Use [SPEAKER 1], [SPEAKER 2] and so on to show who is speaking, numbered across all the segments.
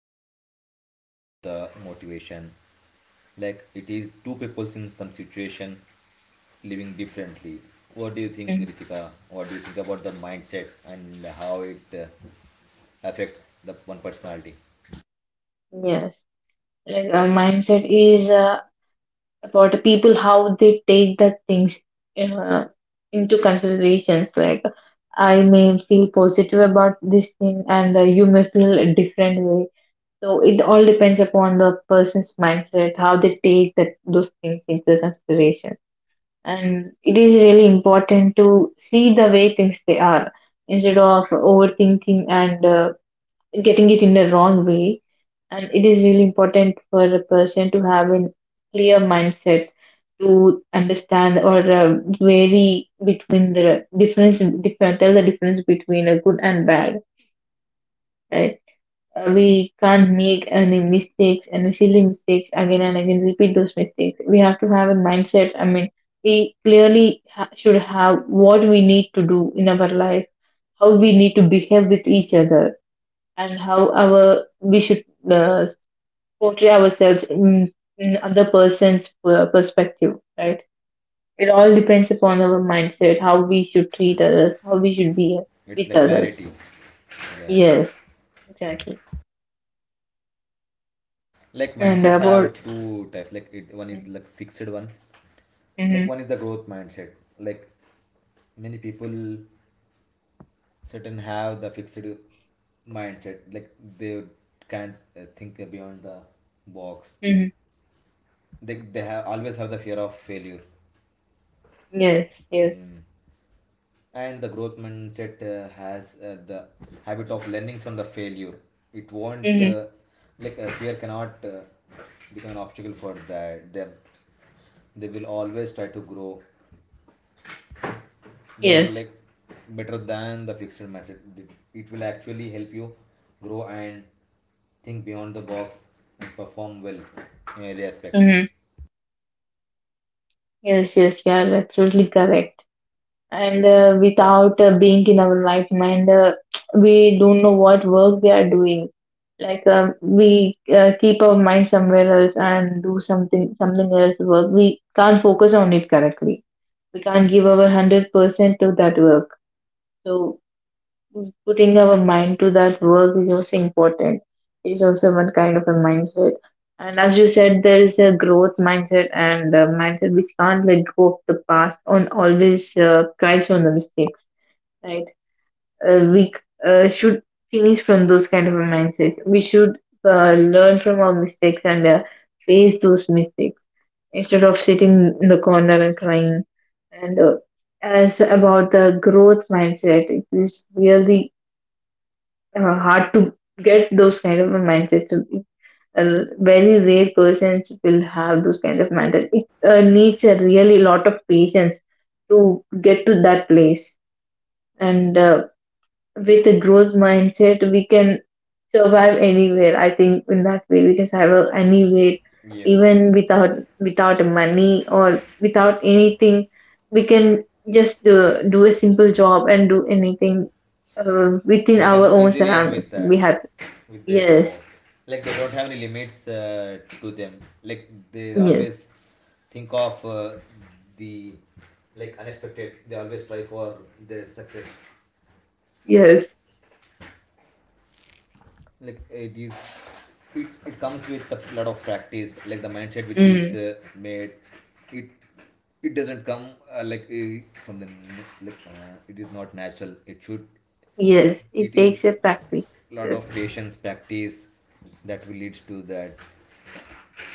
[SPEAKER 1] a skill set, not the motivation. Like, it is two peoples in some situation living differently. What do you think,
[SPEAKER 2] Mhm.
[SPEAKER 1] Ritika? What do you think about the mindset and how it affects the one personality?
[SPEAKER 2] Yes, like a mindset is about the people how they take the things uh, into considerations. Like I may feel positive about this thing, and you may feel a different way. So it all depends upon the person's mindset, how they take that those things into consideration. And it is really important to see the way things they are instead of overthinking and getting it in the wrong way. And it is really important for a person to have a clear mindset to understand or vary between the tell the difference between a good and bad, right? We can't make any mistakes and silly mistakes again and again, repeat those mistakes. We have to have a mindset. I mean, we clearly should have what we need to do in our life, how we need to behave with each other and how our we should uh, portray ourselves in other person's perspective, right? It all depends upon our mindset, how we should treat others, how we should be
[SPEAKER 1] It's
[SPEAKER 2] with
[SPEAKER 1] like
[SPEAKER 2] others.
[SPEAKER 1] clarity, yeah.
[SPEAKER 2] Yes, exactly.
[SPEAKER 1] Like
[SPEAKER 2] And
[SPEAKER 1] mindset have
[SPEAKER 2] about,
[SPEAKER 1] two types, like it one is like fixed one, like
[SPEAKER 2] mm-hmm,
[SPEAKER 1] one is the growth mindset. Like many people certain have the fixed mindset, like they can't think beyond the box.
[SPEAKER 2] hmm,
[SPEAKER 1] They have always have the fear of failure.
[SPEAKER 2] yes, yes,
[SPEAKER 1] mm. And the growth mindset has the habit of learning from the failure. It won't
[SPEAKER 2] mm-hmm,
[SPEAKER 1] like fear cannot become an obstacle for that them. They will always try to grow. They're
[SPEAKER 2] yes,
[SPEAKER 1] like better than the fixed match. It will actually help you grow and think beyond the box and perform well in every aspect.
[SPEAKER 2] mm-hmm. Yes, yes, yeah, absolutely correct. And without being in our right mind, we don't know what work we are doing. Like we keep our mind somewhere else and do something else work. We can't focus on it correctly. We can't give our 100% to that work. So putting our mind to that work is also important, is also one kind of a mindset. And as you said, there is a growth mindset and a mindset which can't let go of the past and always cries on the mistakes, right? We should finish from those kind of a mindset. We should learn from our mistakes and face those mistakes instead of sitting in the corner and crying. And as about the growth mindset, it is really hard to get those kind of a mindset. So, very rare persons will have those kind of mindset. It needs a really lot of patience to get to that place, and with a growth mindset, we can survive anywhere. I think in that way we can survive anywhere,
[SPEAKER 1] Yes,
[SPEAKER 2] even
[SPEAKER 1] yes.
[SPEAKER 2] without money or without anything. We can just do a simple job and do anything within
[SPEAKER 1] They
[SPEAKER 2] our
[SPEAKER 1] can
[SPEAKER 2] own
[SPEAKER 1] easily end
[SPEAKER 2] surroundings
[SPEAKER 1] with
[SPEAKER 2] and be
[SPEAKER 1] that,
[SPEAKER 2] happy.
[SPEAKER 1] with their
[SPEAKER 2] Yes,
[SPEAKER 1] power. Like they don't have any limits to them. Like they
[SPEAKER 2] yes,
[SPEAKER 1] always think of the like unexpected. They always try for their success.
[SPEAKER 2] yes,
[SPEAKER 1] Like it is it comes with a lot of practice, like the mindset which is
[SPEAKER 2] mm,
[SPEAKER 1] made. It it doesn't come like from the like it is not natural, it should.
[SPEAKER 2] yes. It
[SPEAKER 1] It is
[SPEAKER 2] takes a practice.
[SPEAKER 1] lot
[SPEAKER 2] Yes.
[SPEAKER 1] of patience practice that will lead to that.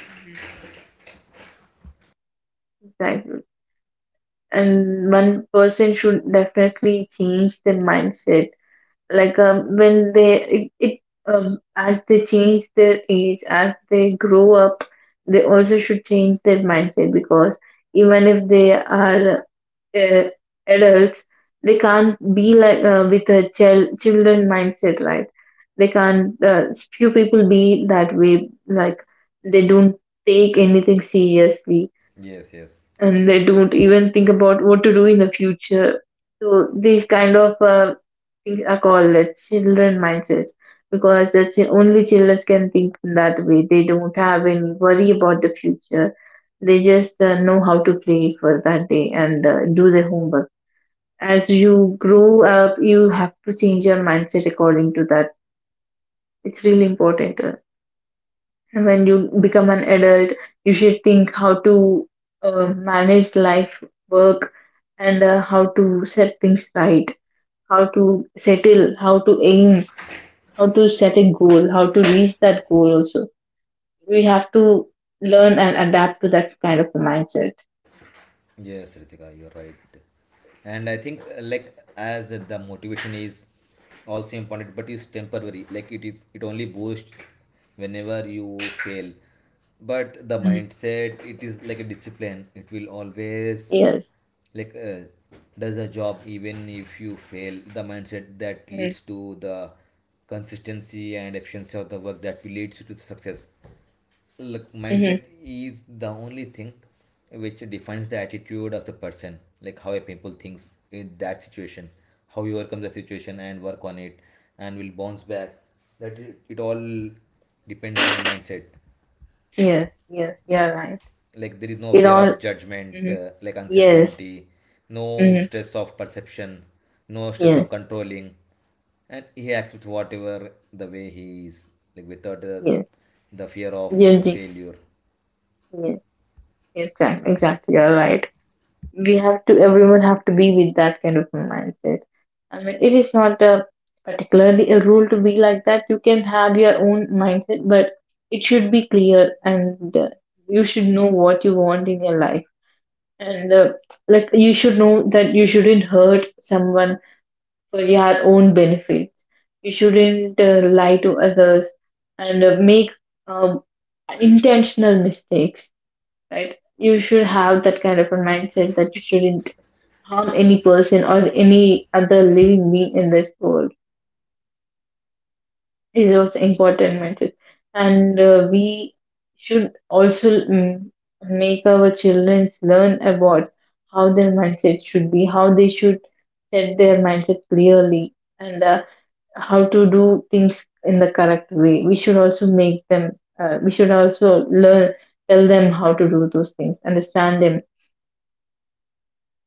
[SPEAKER 2] Hmm. Exactly. And one person should definitely change their mindset, like when they it, it as they change their age, as they grow up, they also should change their mindset because even if they are uh, adults, they can't be like with a children mindset, right? They can't few people be that way, like they don't take anything seriously,
[SPEAKER 1] Yes, yes.
[SPEAKER 2] and they don't even think about what to do in the future. So these kind of things are called the children mindsets because only children can think in that way. They don't have any worry about the future. They just know how to play for that day and do their homework. As you grow up, you have to change your mindset according to that. It's really important. When you become an adult, you should think how to manage life, work, and how to set things right, how to settle, how to aim, how to set a goal, how to reach that goal also. We have to learn and adapt to that kind of a mindset.
[SPEAKER 1] Yes, Ritika, you're right. And I think like as the motivation is also important, but it's temporary. It only boosts whenever you fail. But the
[SPEAKER 2] Mhm.
[SPEAKER 1] mindset, it is like a discipline. It will always
[SPEAKER 2] Yes.
[SPEAKER 1] like does the job even if you fail. The mindset that
[SPEAKER 2] Mm-hmm.
[SPEAKER 1] leads to the consistency and efficiency of the work that will lead to the success. Like
[SPEAKER 2] Mm-hmm.
[SPEAKER 1] mindset is the only thing which defines the attitude of the person, like how a people thinks in that situation, how you overcome the situation and work on it, and will bounce back. It all depends on the mindset.
[SPEAKER 2] Yes. Yes. You're right.
[SPEAKER 1] Like there is no
[SPEAKER 2] It
[SPEAKER 1] fear
[SPEAKER 2] all.
[SPEAKER 1] of judgment,
[SPEAKER 2] Hmm.
[SPEAKER 1] like
[SPEAKER 2] Yes.
[SPEAKER 1] uncertainty, no
[SPEAKER 2] Mm-hmm.
[SPEAKER 1] stress of perception, no stress of
[SPEAKER 2] Yes.
[SPEAKER 1] controlling, and he acts with whatever the way he is, like without
[SPEAKER 2] Yes.
[SPEAKER 1] the fear of
[SPEAKER 2] Yes.
[SPEAKER 1] the
[SPEAKER 2] Yes.
[SPEAKER 1] failure.
[SPEAKER 2] Yes. Exactly, exactly. You're right. We have to, everyone have to be with that kind of a mindset. I mean, it is not a particularly a rule to be like that. You can have your own mindset, but it should be clear and you should know what you want in your life, and like you should know that you shouldn't hurt someone for your own benefits. You shouldn't lie to others and make um, intentional mistakes, right? You should have that kind of a mindset that you shouldn't harm any
[SPEAKER 1] Yes.
[SPEAKER 2] person or any other living being in this world is also important mindset. And we should also, mm, make our children learn about how their mindset should be, how they should set their mindset clearly, and how to do things in the correct way. We should also make them we should also learn, tell them how to do those things, understand them.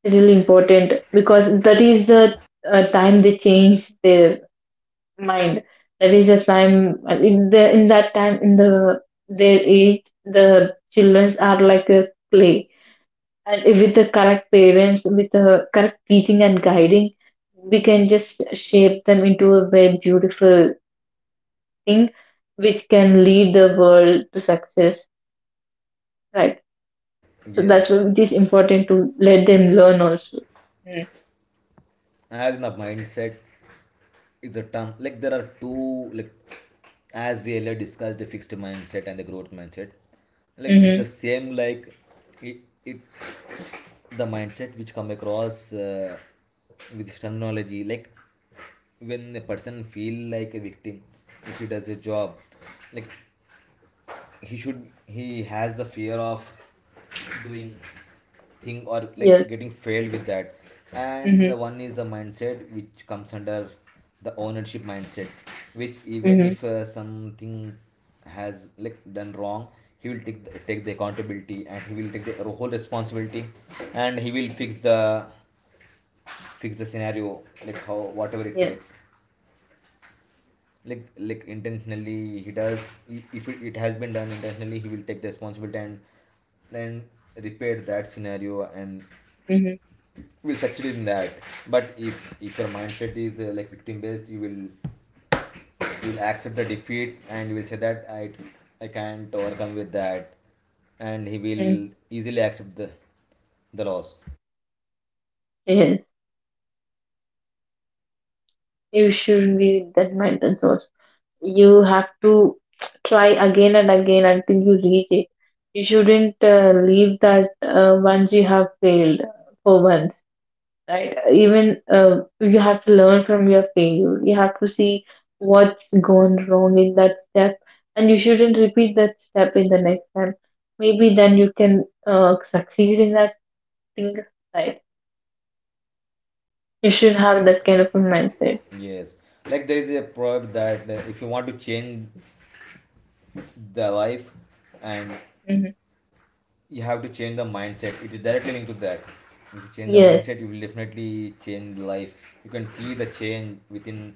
[SPEAKER 2] Really important, because that is the time they change their mind. That is the time in the in that time in the their age, the childrens are like a clay, and if with the correct parents, with the correct teaching and guiding, we can just shape them into a very beautiful thing, which can lead the world to success. Right. So that's
[SPEAKER 1] Yes,
[SPEAKER 2] why it is important to let them learn also. Mm-hmm.
[SPEAKER 1] as in the mindset is a term, like there are two, like as we earlier discussed, the fixed mindset and the growth mindset. Like it's
[SPEAKER 2] Mm-hmm.
[SPEAKER 1] the same, like it, it the mindset which come across with this terminology, like when a person feel like a victim, if he does a job, like he has the fear of doing thing or like
[SPEAKER 2] Yes.
[SPEAKER 1] getting failed with that. And the
[SPEAKER 2] Mm-hmm.
[SPEAKER 1] one is the mindset which comes under the ownership mindset, which even
[SPEAKER 2] Mm-hmm.
[SPEAKER 1] if something has like done wrong, he will take the accountability, and he will take the whole responsibility and he will fix the scenario, like how whatever it
[SPEAKER 2] Yeah.
[SPEAKER 1] takes. Like intentionally he does, I- if it has been done intentionally, he will take the responsibility and and repair that scenario and
[SPEAKER 2] Mm-hmm.
[SPEAKER 1] will succeed in that. But if your mindset is like victim based, you will, you will accept the defeat, and you will say that I can't overcome with that, and he will
[SPEAKER 2] Hmm.
[SPEAKER 1] easily accept the loss.
[SPEAKER 2] Yes. You shouldn't be that mental source. You have to try again and again until you reach it. You shouldn't leave that once you have failed for once, right? Even you have to learn from your failure. You have to see what's gone wrong in that step, and you shouldn't repeat that step in the next time. Maybe then you can succeed in that thing, right? You should have that kind of a mindset.
[SPEAKER 1] Yes. Like there is a proverb that if you want to change the life and
[SPEAKER 2] Mm-hmm.
[SPEAKER 1] you have to change the mindset. It is directly linked to that. If you change the
[SPEAKER 2] Yes.
[SPEAKER 1] mindset, you will definitely change life. You can see the change within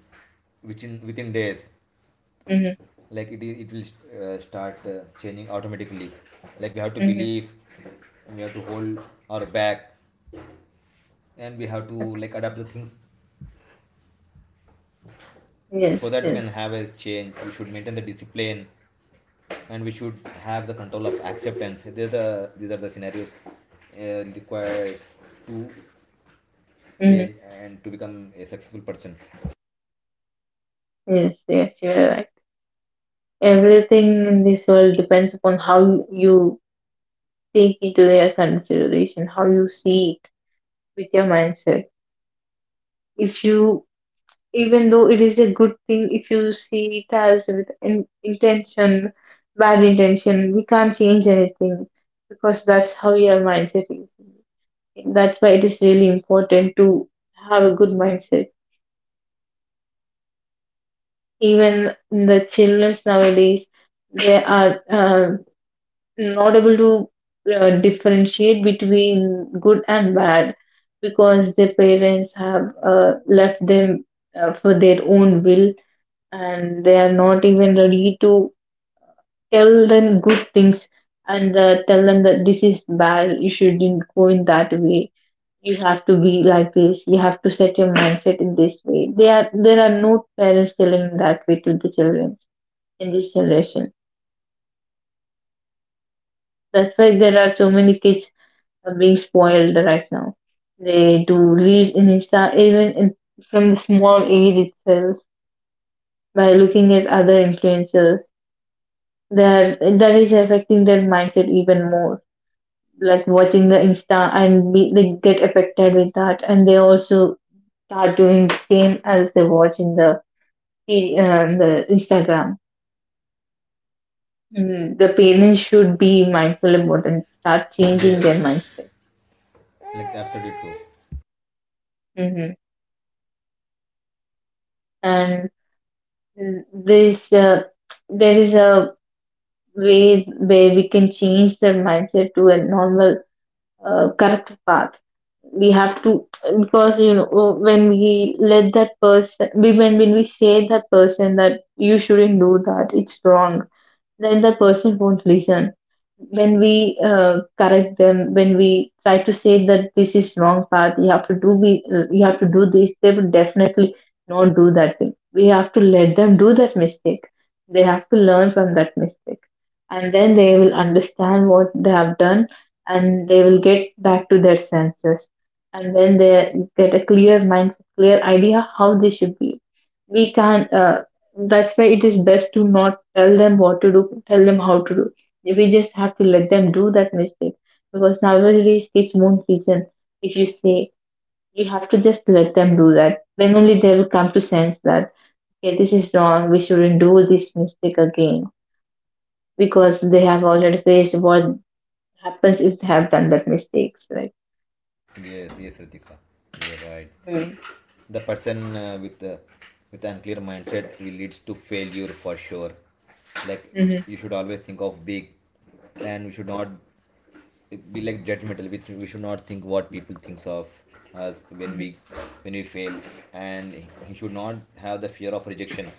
[SPEAKER 1] within within days.
[SPEAKER 2] Mhm.
[SPEAKER 1] Like it will start changing automatically. Like we have to
[SPEAKER 2] Mhm.
[SPEAKER 1] believe, we have to hold our back, and we have to
[SPEAKER 2] Okay.
[SPEAKER 1] like adapt the things,
[SPEAKER 2] Yes.
[SPEAKER 1] so that we
[SPEAKER 2] Yes.
[SPEAKER 1] can have a change. We should maintain the discipline, and we should have the control of acceptance. These are the scenarios required to
[SPEAKER 2] Mhm.
[SPEAKER 1] change and to become a successful person.
[SPEAKER 2] Yes. Yes. You're right. Everything in this world depends upon how you take into their consideration, how you see it with your mindset. If you, even though it is a good thing, if you see it as with intention, bad intention, we can't change anything because that's how your mindset is. That's why it is really important to have a good mindset. Even the childrens nowadays, they are not able to differentiate between good and bad because their parents have left them for their own will, and they are not even ready to tell them good things and tell them that this is bad, you shouldn't go in that way, you have to be like this, you have to set your mindset in this way. They are There are no parents telling that way to the children in this generation. That's why there are so many kids are being spoiled right now. They do reels in Insta, even from the small age itself, by looking at other influencers. That is affecting their mindset even more. Like watching the Insta and they get affected with that, and they also start doing the same as they watch in the Instagram. Mm, the parents should be mindful about and start changing their
[SPEAKER 1] Yes.
[SPEAKER 2] mindset.
[SPEAKER 1] Like absolutely true.
[SPEAKER 2] Hmm. And This There's a, there is a way where we can change their mindset to a normal, correct path. We have to, because you know, when we let that person, we when we say that person that you shouldn't do that, it's wrong, then that person won't listen. When we correct them, when we try to say that this is wrong path, you have to you have to do this, they will definitely not do that thing. We have to let them do that mistake. They have to learn from that mistake, and then they will understand what they have done, and they will get back to their senses, and then they get a clear mindset, clear idea how they should be. We can. That's why it is best to not tell them what to do, tell them how to do. We just have to let them do that mistake because nowadays kids won't listen if you say. You have to just let them do that. Then only they will come to sense that okay, this is wrong, we shouldn't do this mistake again because they have already faced what happens if they have done that mistakes, right?
[SPEAKER 1] Yes, yes, Ritika. You're right.
[SPEAKER 2] Mm.
[SPEAKER 1] The person with an unclear mindset will leads to failure for sure. Like
[SPEAKER 2] Hmm.
[SPEAKER 1] you should always think of big, and we should not be like judgmental. We should not think what people thinks of us
[SPEAKER 2] Hmm.
[SPEAKER 1] when we fail, and he should not have the fear of rejection.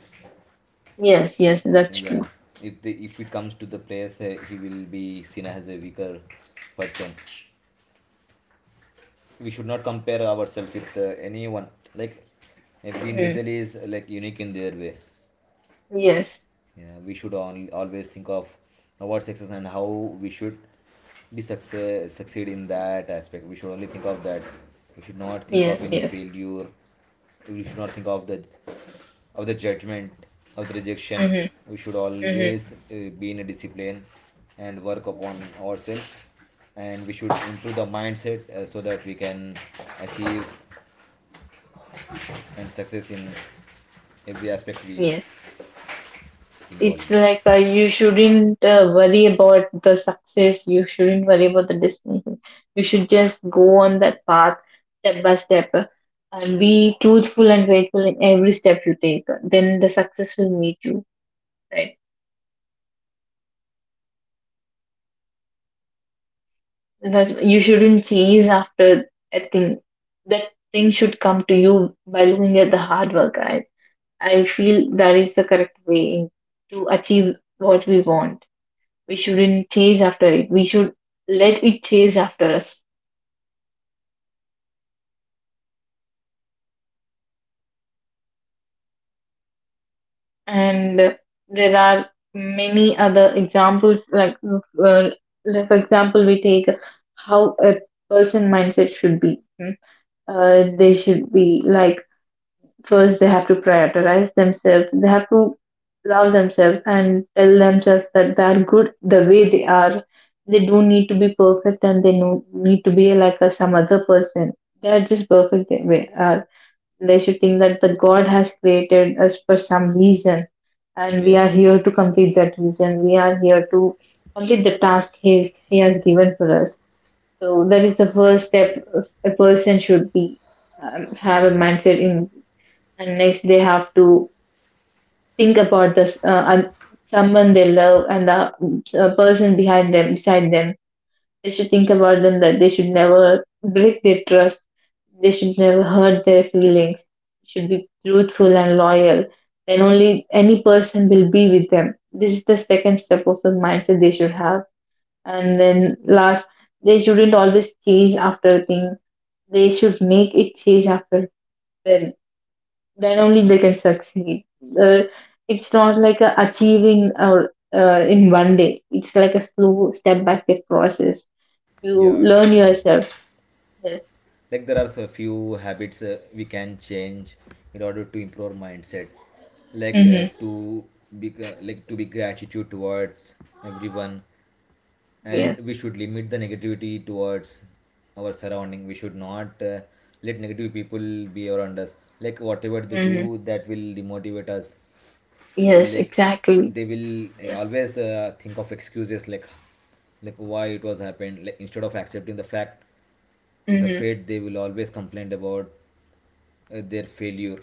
[SPEAKER 2] Yes, yes, that's
[SPEAKER 1] Yeah,
[SPEAKER 2] true.
[SPEAKER 1] if if it comes to the players, he will be seen as a weaker person. We should not compare ourselves with anyone. Like every
[SPEAKER 2] Mm.
[SPEAKER 1] individual is like unique in their way.
[SPEAKER 2] Yes,
[SPEAKER 1] Yeah, we should always think of our success and how we should be success succeed in that aspect. We should only think of that. We should not think of
[SPEAKER 2] yes,
[SPEAKER 1] any
[SPEAKER 2] yes.
[SPEAKER 1] failure. We should not think of the judgment, of the rejection.
[SPEAKER 2] Mm-hmm.
[SPEAKER 1] We should
[SPEAKER 2] Mm-hmm.
[SPEAKER 1] always be in a discipline and work upon ourselves, and we should improve the mindset so that we can achieve and success in every aspect we
[SPEAKER 2] Yes.
[SPEAKER 1] involve
[SPEAKER 2] It's
[SPEAKER 1] in it.
[SPEAKER 2] like you shouldn't worry about the success, you shouldn't worry about the destination. You should just go on that path step by step, and be truthful and faithful in every step you take. Then the success will meet you, right? That's, you shouldn't chase after a thing. That thing should come to you by looking at the hard work. I feel that is the correct way to achieve what we want. We shouldn't chase after it, we should let it chase after us. And there are many other examples, uh, like, for example, we take how a person mindset should be, mm. They should be like, first they have to prioritize themselves, they have to love themselves and tell themselves that they are good the way they are. They don't need to be perfect and they no need to be like a, some other person. They are just perfect the way they are. They should think that the God has created us for some reason, and we are
[SPEAKER 1] Yes,
[SPEAKER 2] here to complete that reason. We are here to complete the task he has given for us. So that is the first step a person should be, have a
[SPEAKER 1] yes,
[SPEAKER 2] mindset in, and next they have to think about this and someone they love and the person behind them beside them. They should think about them, that they should never break their trust. They should never hurt their feelings. Should be truthful and loyal. Then only any person will be with them. This is the second step of the mindset they should have. And then last, they shouldn't always chase after things. They should make it chase after them. Then only they can succeed. Uh, it's not like a achieving or in one day. It's like a slow step by step process. You
[SPEAKER 1] yeah,
[SPEAKER 2] learn
[SPEAKER 1] true.
[SPEAKER 2] yourself. Yes.
[SPEAKER 1] Like there are a few habits we can change in order to improve our mindset, like
[SPEAKER 2] Mm-hmm.
[SPEAKER 1] to be like to be gratitude towards everyone,
[SPEAKER 2] Yes.
[SPEAKER 1] and we should limit the negativity towards our surrounding. We should not let negative people be around us, like whatever they
[SPEAKER 2] Mm-hmm.
[SPEAKER 1] do that will demotivate us.
[SPEAKER 2] Yes.
[SPEAKER 1] Like
[SPEAKER 2] Exactly.
[SPEAKER 1] they will
[SPEAKER 2] Yes.
[SPEAKER 1] always think of excuses, like why it was happened, like instead of accepting the
[SPEAKER 2] Mm-hmm.
[SPEAKER 1] fate. They will always complain about their failure,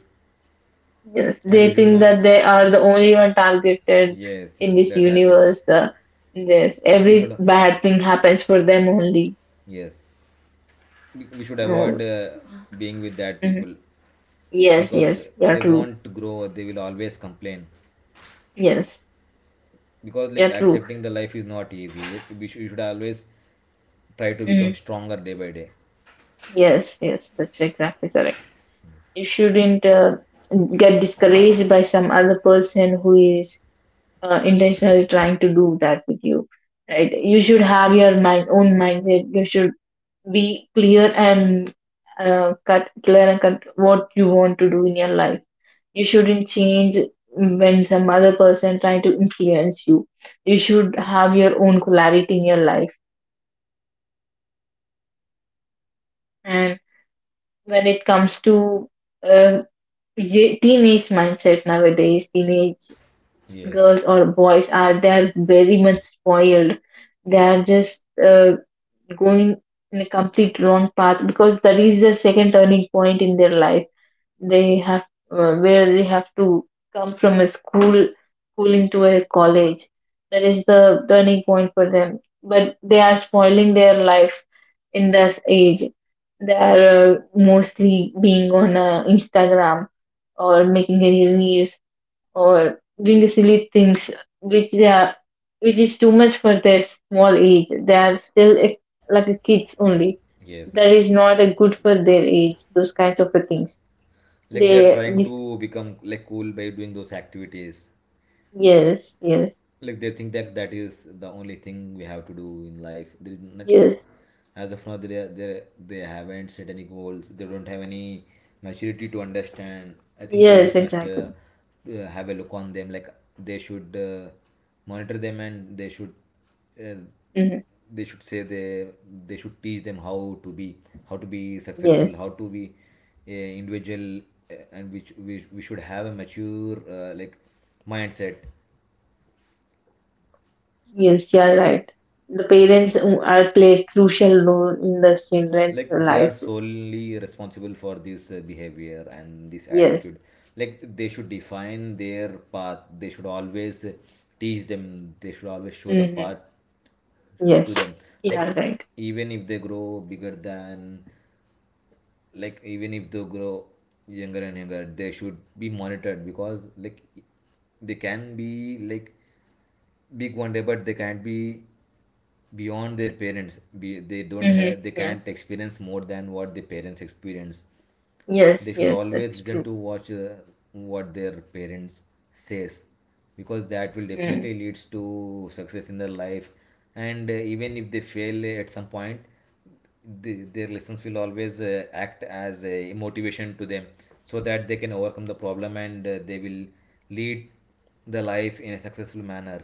[SPEAKER 2] Yes,
[SPEAKER 1] and we
[SPEAKER 2] they
[SPEAKER 1] should
[SPEAKER 2] think
[SPEAKER 1] not.
[SPEAKER 2] that they are the only one targeted
[SPEAKER 1] Yes,
[SPEAKER 2] in
[SPEAKER 1] yes,
[SPEAKER 2] this
[SPEAKER 1] that happened.
[SPEAKER 2] universe. The This
[SPEAKER 1] We
[SPEAKER 2] every
[SPEAKER 1] should,
[SPEAKER 2] bad thing happens for them only.
[SPEAKER 1] yes, we should avoid
[SPEAKER 2] No.
[SPEAKER 1] being with that
[SPEAKER 2] Mm-hmm.
[SPEAKER 1] people,
[SPEAKER 2] Yes,
[SPEAKER 1] because
[SPEAKER 2] yes, you're
[SPEAKER 1] they
[SPEAKER 2] true.
[SPEAKER 1] won't grow, they will always complain.
[SPEAKER 2] Yes,
[SPEAKER 1] Because
[SPEAKER 2] you're
[SPEAKER 1] like
[SPEAKER 2] true.
[SPEAKER 1] accepting the life is not easy, we should always try to
[SPEAKER 2] Mm-hmm.
[SPEAKER 1] become stronger day by day.
[SPEAKER 2] Yes, yes, that's exactly correct. You shouldn't get discouraged by some other person who is intentionally trying to do that with you, right? You should have your mind own mindset, you should be clear and, cut clear and cut what you want to do in your life. You shouldn't change when some other person trying to influence you. You should have your own clarity in your life. And when it comes to, uh, teenage mindset, nowadays teenage
[SPEAKER 1] Yes,
[SPEAKER 2] girls or boys are, they're very much spoiled. They are just going in a complete wrong path, because that is the second turning point in their life. They have, where they have to come from a school into a college. That is the turning point for them. But they are spoiling their life in this age. They are mostly being on Instagram, or making any reels, or doing silly things which they are, which is too much for their small age. They are still a, like a kids only. That
[SPEAKER 1] yes.
[SPEAKER 2] is not a good for their age. Those kinds of a things.
[SPEAKER 1] Like they are
[SPEAKER 2] They
[SPEAKER 1] trying
[SPEAKER 2] this
[SPEAKER 1] to become like cool by doing those activities.
[SPEAKER 2] yes, yes.
[SPEAKER 1] Like they think that that is the only thing we have to do in life. There is not like,
[SPEAKER 2] Yes,
[SPEAKER 1] as of now they haven't set any goals. They don't have any maturity to understand. I think
[SPEAKER 2] yes,
[SPEAKER 1] parents must
[SPEAKER 2] exactly.
[SPEAKER 1] have a look on them, like they should monitor them, and uh,
[SPEAKER 2] Hmm.
[SPEAKER 1] they should say they should teach them how to be, how to be successful,
[SPEAKER 2] Yes,
[SPEAKER 1] how to be a individual, and which we should have a mature like mindset.
[SPEAKER 2] yes, you are right. The parents who are play crucial role in the children's
[SPEAKER 1] Like they are
[SPEAKER 2] life.
[SPEAKER 1] solely responsible for this behavior and this
[SPEAKER 2] Yes.
[SPEAKER 1] attitude. Like they should define their path, they should always teach them, they should always show the
[SPEAKER 2] Hmm.
[SPEAKER 1] path
[SPEAKER 2] Yes.
[SPEAKER 1] to them.
[SPEAKER 2] You are
[SPEAKER 1] Like
[SPEAKER 2] right.
[SPEAKER 1] even if they grow bigger than even if they grow younger and younger, they should be monitored, because like they can be like big one day, but they can't be beyond their parents. They don't
[SPEAKER 2] Hmm.
[SPEAKER 1] have they can't
[SPEAKER 2] Yes.
[SPEAKER 1] experience more than what the parents experience.
[SPEAKER 2] Yes.
[SPEAKER 1] They should
[SPEAKER 2] Yes.
[SPEAKER 1] always
[SPEAKER 2] That's
[SPEAKER 1] listen
[SPEAKER 2] true.
[SPEAKER 1] to watch what their parents says, because that will
[SPEAKER 2] Mm-hmm.
[SPEAKER 1] definitely leads to success in their life. And even if they fail at some point, their lessons will always act as a motivation to them, so that they can overcome the problem, and they will lead the life in a successful manner.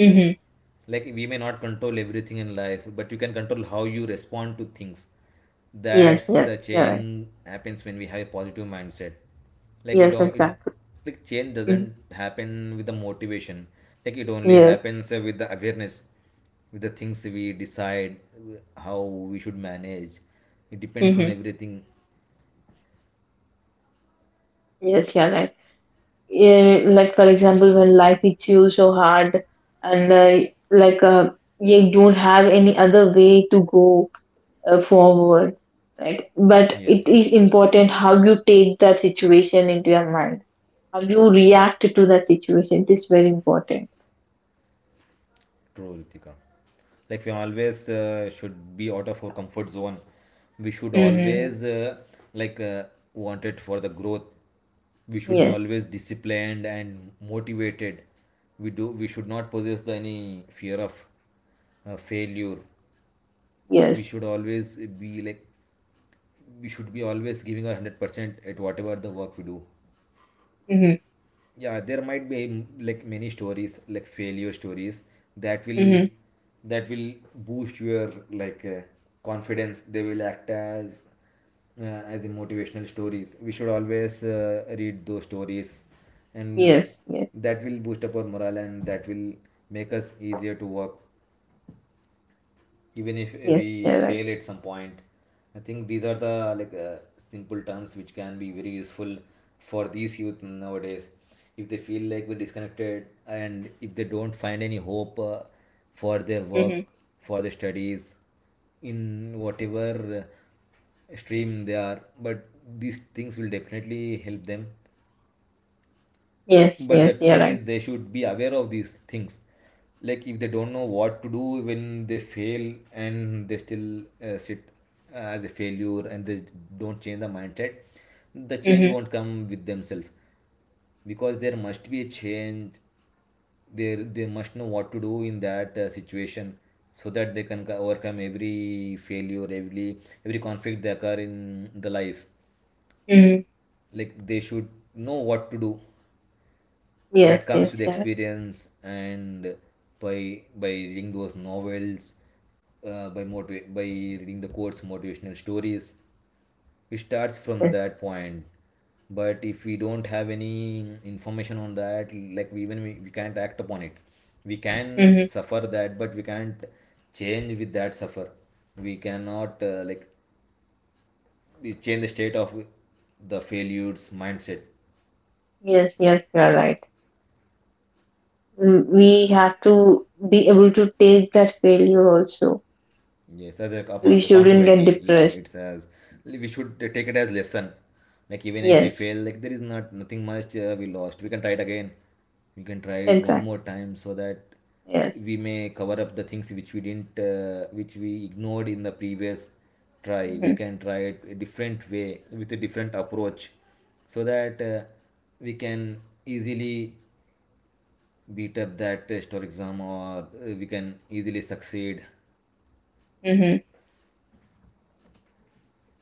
[SPEAKER 2] Mm-hmm.
[SPEAKER 1] Like we may not control everything in life, but you can control how you respond to things.
[SPEAKER 2] Yes,
[SPEAKER 1] That's the
[SPEAKER 2] yes, you're right.
[SPEAKER 1] change happens when we have a positive mindset. Like you
[SPEAKER 2] Yes,
[SPEAKER 1] know it.
[SPEAKER 2] exactly.
[SPEAKER 1] Like change
[SPEAKER 2] Mhm.
[SPEAKER 1] doesn't happen with the motivation. Like it only
[SPEAKER 2] Yes.
[SPEAKER 1] happens with the awareness, with the things we decide how we should manage. It depends on
[SPEAKER 2] Hmm.
[SPEAKER 1] everything.
[SPEAKER 2] Yes, you're right. Yeah, like for example, when life hits you so hard, and you don't have any other way to go forward, right? But
[SPEAKER 1] Yes.
[SPEAKER 2] it is important how you take that situation into your mind, how you react to that situation. It is very important.
[SPEAKER 1] True, Ritika. Like we always should be out of our comfort zone. We should
[SPEAKER 2] Hmm.
[SPEAKER 1] always like want it for the growth. We should be
[SPEAKER 2] Yes,
[SPEAKER 1] always disciplined and motivated. We do. We should not possess the any fear of failure. We
[SPEAKER 2] yes.
[SPEAKER 1] should always be like. We should be always giving our 100% at whatever the work we do.
[SPEAKER 2] Hmm.
[SPEAKER 1] Yeah, there might be like many stories, like failure stories that will
[SPEAKER 2] Hmm.
[SPEAKER 1] that will boost your confidence. They will act as a motivational stories. We should always read those stories, and
[SPEAKER 2] Yes, yes,
[SPEAKER 1] that will boost up our morale and that will make us easier to work even if
[SPEAKER 2] yes.
[SPEAKER 1] we
[SPEAKER 2] You're right.
[SPEAKER 1] fail at some point. I think these are the simple terms which can be very useful for these youth nowadays, if they feel like we're disconnected and if they don't find any hope for their work,
[SPEAKER 2] Hmm.
[SPEAKER 1] for their studies, in whatever stream they are. But these things will definitely help them.
[SPEAKER 2] Yes,
[SPEAKER 1] But the
[SPEAKER 2] yes. You're
[SPEAKER 1] thing
[SPEAKER 2] right.
[SPEAKER 1] is, they should be aware of these things. Like if they don't know what to do when they fail and they still sit as a failure, and they don't change the mindset, the change
[SPEAKER 2] Mhm.
[SPEAKER 1] won't come with themselves. Because there must be a change, they must know what to do in that situation, so that they can overcome every failure, every conflict they occur in the life.
[SPEAKER 2] Mhm.
[SPEAKER 1] Like they should know what to do. That
[SPEAKER 2] Yes,
[SPEAKER 1] comes
[SPEAKER 2] yes,
[SPEAKER 1] with
[SPEAKER 2] yeah,
[SPEAKER 1] experience, and by reading those novels, by reading the quotes, motivational stories. It starts from
[SPEAKER 2] yes.
[SPEAKER 1] that point. But if we don't have any information on that, like we, even we can't act upon it. We can
[SPEAKER 2] Mhm.
[SPEAKER 1] suffer that, but we can't change with that suffer. We cannot like, we change the state of the failure's mindset.
[SPEAKER 2] Yes, yes, you are right. Mm, we have to be able to take that failure also.
[SPEAKER 1] Yes, as a
[SPEAKER 2] We shouldn't get
[SPEAKER 1] accountability. Yeah,
[SPEAKER 2] depressed.
[SPEAKER 1] it's as we should take it as lesson. Like even if we
[SPEAKER 2] Yes,
[SPEAKER 1] fail, like there is not nothing much we lost. We can try it again. We can try it one more
[SPEAKER 2] exactly.
[SPEAKER 1] time, so that
[SPEAKER 2] Yes.
[SPEAKER 1] we may cover up the things which we didn't, which we ignored in the previous try. We
[SPEAKER 2] Mm-hmm.
[SPEAKER 1] can try it a different way with a different approach, so that we can easily beat up that test or exam, or we can easily succeed.
[SPEAKER 2] Mm-hmm.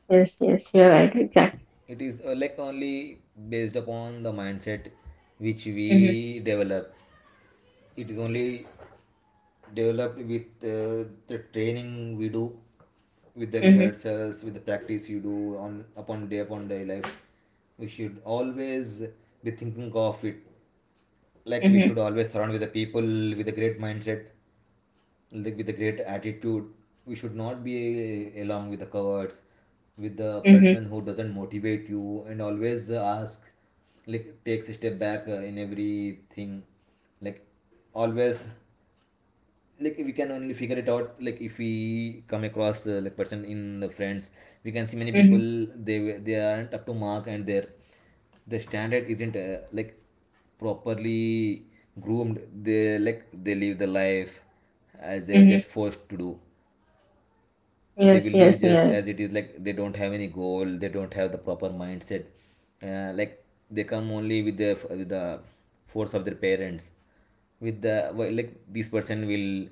[SPEAKER 2] Yes, yes, you're right. Exactly.
[SPEAKER 1] It is like only based upon the mindset which
[SPEAKER 2] Mm-hmm.
[SPEAKER 1] we develop. It is only developed with the training we do, with the
[SPEAKER 2] Mm-hmm.
[SPEAKER 1] rehearsals, with the practice you do on upon day life. We should always be thinking of it. Like we
[SPEAKER 2] Mm-hmm.
[SPEAKER 1] should always surround with the people with a great mindset, like with a great attitude. We should not be along with the cowards, with the
[SPEAKER 2] Mm-hmm.
[SPEAKER 1] person who doesn't motivate you and always ask, like takes a step back in everything. Like always, like we can only figure it out, like if we come across like person in the friends, we can see many
[SPEAKER 2] Mm-hmm.
[SPEAKER 1] people. They aren't up to mark, and their standard isn't like properly groomed. They like they live the life as they were
[SPEAKER 2] Mm-hmm.
[SPEAKER 1] just forced to do. They
[SPEAKER 2] Yes,
[SPEAKER 1] will
[SPEAKER 2] yes,
[SPEAKER 1] live just
[SPEAKER 2] yeah.
[SPEAKER 1] as it is. Like they don't have any goal, they don't have the proper mindset, like they come only with the force of their parents. With the, well, like this person will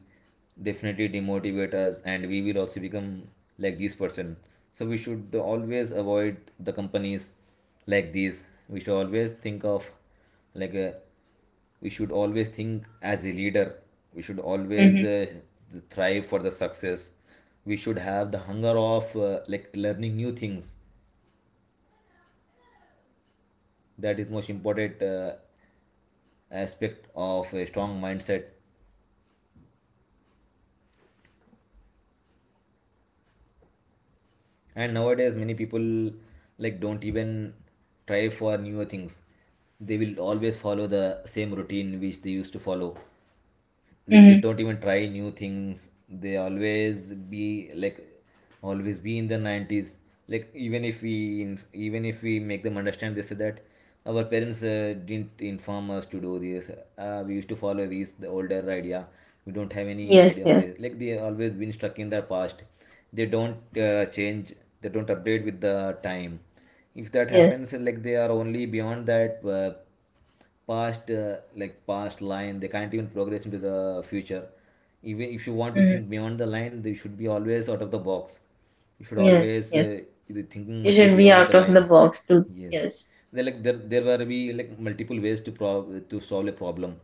[SPEAKER 1] definitely demotivate us, and we will also become like this person. So we should always avoid the companies like these. We should always think of like a, we should always think as a leader. We should always
[SPEAKER 2] Mm-hmm.
[SPEAKER 1] thrive for the success. We should have the hunger of like learning new things. That is most important aspect of a strong mindset. And nowadays many people like don't even try for newer things. They will always follow the same routine which they used to follow. Like they
[SPEAKER 2] Mm-hmm.
[SPEAKER 1] don't even try new things. They always be like always be in the 90s. Like even if we, even if we make them understand, they say that our parents didn't inform us to do this. We used to follow these, the older idea. We don't have any
[SPEAKER 2] Yes,
[SPEAKER 1] idea on
[SPEAKER 2] yes,
[SPEAKER 1] this. Like they always been stuck in their past. They don't change, they don't update with the time. If that
[SPEAKER 2] yes.
[SPEAKER 1] happens, like they are only beyond that past, like past line. They can't even progress into the future. Even if you want to
[SPEAKER 2] Mm-hmm.
[SPEAKER 1] think beyond the line, they should be always out of the box. You should
[SPEAKER 2] Yes,
[SPEAKER 1] always
[SPEAKER 2] yes.
[SPEAKER 1] the thinking
[SPEAKER 2] You
[SPEAKER 1] must be
[SPEAKER 2] should be
[SPEAKER 1] beyond the
[SPEAKER 2] out of the
[SPEAKER 1] line.
[SPEAKER 2] box too.
[SPEAKER 1] Yes,
[SPEAKER 2] Yes.
[SPEAKER 1] they like there were be like multiple ways to prob to solve a problem.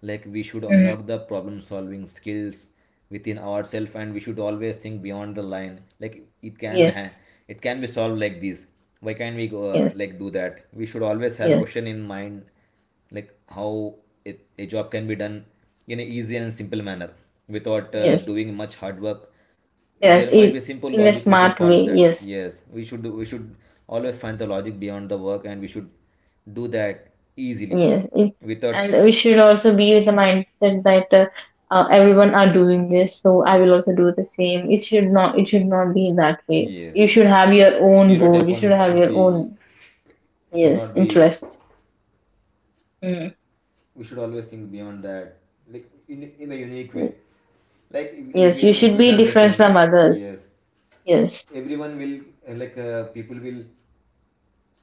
[SPEAKER 1] Like we should
[SPEAKER 2] Mm-hmm.
[SPEAKER 1] unlock the problem solving skills within ourselves, and we should always think beyond the line. Like it
[SPEAKER 2] Yes,
[SPEAKER 1] it can be solved like this. Why can't we go
[SPEAKER 2] yes,
[SPEAKER 1] like do that? We should always have a
[SPEAKER 2] yes.
[SPEAKER 1] question in mind. Like how it, a job can be done in an easy and simple manner without
[SPEAKER 2] Yes,
[SPEAKER 1] doing much hard work.
[SPEAKER 2] yes,
[SPEAKER 1] There must be
[SPEAKER 2] it,
[SPEAKER 1] simple
[SPEAKER 2] in a
[SPEAKER 1] logic, we should
[SPEAKER 2] smart
[SPEAKER 1] follow
[SPEAKER 2] way.
[SPEAKER 1] that.
[SPEAKER 2] Yes,
[SPEAKER 1] Yes, we should do, we should always find the logic beyond the work, and we should do that easily
[SPEAKER 2] yes. It,
[SPEAKER 1] without.
[SPEAKER 2] and we should also be with the mindset that everyone are doing this, so I will also do the same. It should not. It should not be that way.
[SPEAKER 1] Yes.
[SPEAKER 2] You should have your own goal.
[SPEAKER 1] Stereotype
[SPEAKER 2] You should
[SPEAKER 1] ones
[SPEAKER 2] have
[SPEAKER 1] should
[SPEAKER 2] your
[SPEAKER 1] be,
[SPEAKER 2] own,
[SPEAKER 1] should
[SPEAKER 2] yes,
[SPEAKER 1] not be.
[SPEAKER 2] interest. Mm.
[SPEAKER 1] We should always think beyond that. Like in a unique way. Like
[SPEAKER 2] Yes, you should
[SPEAKER 1] even
[SPEAKER 2] be
[SPEAKER 1] if he does
[SPEAKER 2] different
[SPEAKER 1] the
[SPEAKER 2] from
[SPEAKER 1] same,
[SPEAKER 2] others.
[SPEAKER 1] yes.
[SPEAKER 2] Yes.
[SPEAKER 1] Everyone will people will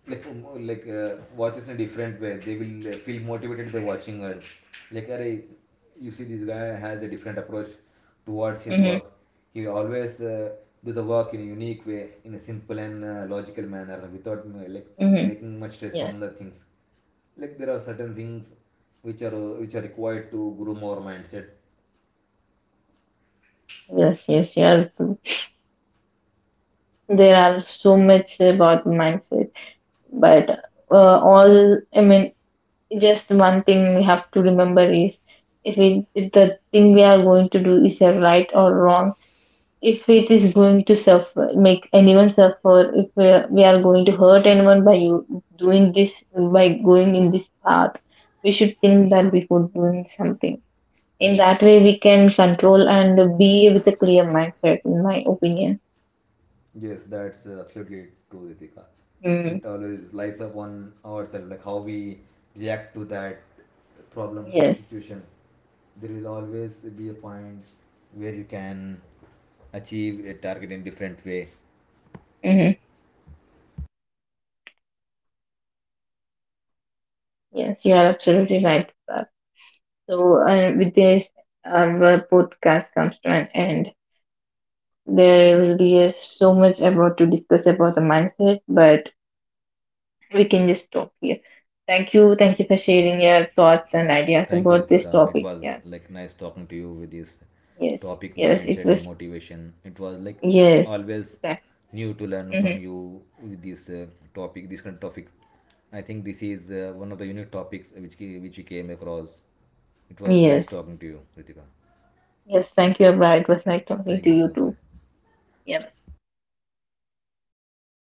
[SPEAKER 1] watches in a different way. They will feel motivated by watching her. Like, "Arey, you see, this guy has a different approach towards his
[SPEAKER 2] Mm-hmm.
[SPEAKER 1] work. He always do the work in a unique way, in a simple and logical manner, without like
[SPEAKER 2] Mm-hmm.
[SPEAKER 1] making much stress
[SPEAKER 2] Yes.
[SPEAKER 1] on the things. Like there are certain things which are required to groom our mindset.
[SPEAKER 2] Yes. Yes. You are true. There are so much about mindset, but all I mean, just one thing we have to remember is, if the thing we are going to do is a right or wrong, if it is going to suffer make anyone suffer, if we are going to hurt anyone by you doing this, by going in this path, we should think that before doing something. In
[SPEAKER 1] Yes.
[SPEAKER 2] that way we can control and be with a clear mindset, in my opinion.
[SPEAKER 1] Yes, that's absolutely true, Ritika.
[SPEAKER 2] Mm,
[SPEAKER 1] It always lies up on ourselves, like how we react to that problem
[SPEAKER 2] yes.
[SPEAKER 1] situation. There will always be a point where you can achieve a target in different way.
[SPEAKER 2] Hmm, yes, you are absolutely right. So, with this, our podcast comes to an end. There will be so much about to discuss about the mindset, but we can just stop here. Thank you for sharing your thoughts and ideas
[SPEAKER 1] Thank you,
[SPEAKER 2] about this
[SPEAKER 1] Ritika. It
[SPEAKER 2] topic.
[SPEAKER 1] was
[SPEAKER 2] Yeah,
[SPEAKER 1] like nice talking to you with this
[SPEAKER 2] yes,
[SPEAKER 1] topic
[SPEAKER 2] yes, it
[SPEAKER 1] mindset and
[SPEAKER 2] was,
[SPEAKER 1] motivation. It was like
[SPEAKER 2] yes,
[SPEAKER 1] always
[SPEAKER 2] exactly.
[SPEAKER 1] new to learn
[SPEAKER 2] Hmm.
[SPEAKER 1] from you with this topic, this kind of topic. I think this is one of the unique topics which which we came across. It was nice
[SPEAKER 2] Yes,
[SPEAKER 1] talking to you, Ritika.
[SPEAKER 2] yes. Thank you, Abra. It was nice talking
[SPEAKER 1] Thank
[SPEAKER 2] to
[SPEAKER 1] you,
[SPEAKER 2] you
[SPEAKER 1] Ritika.
[SPEAKER 2] too.
[SPEAKER 1] Bye.
[SPEAKER 2] Yeah.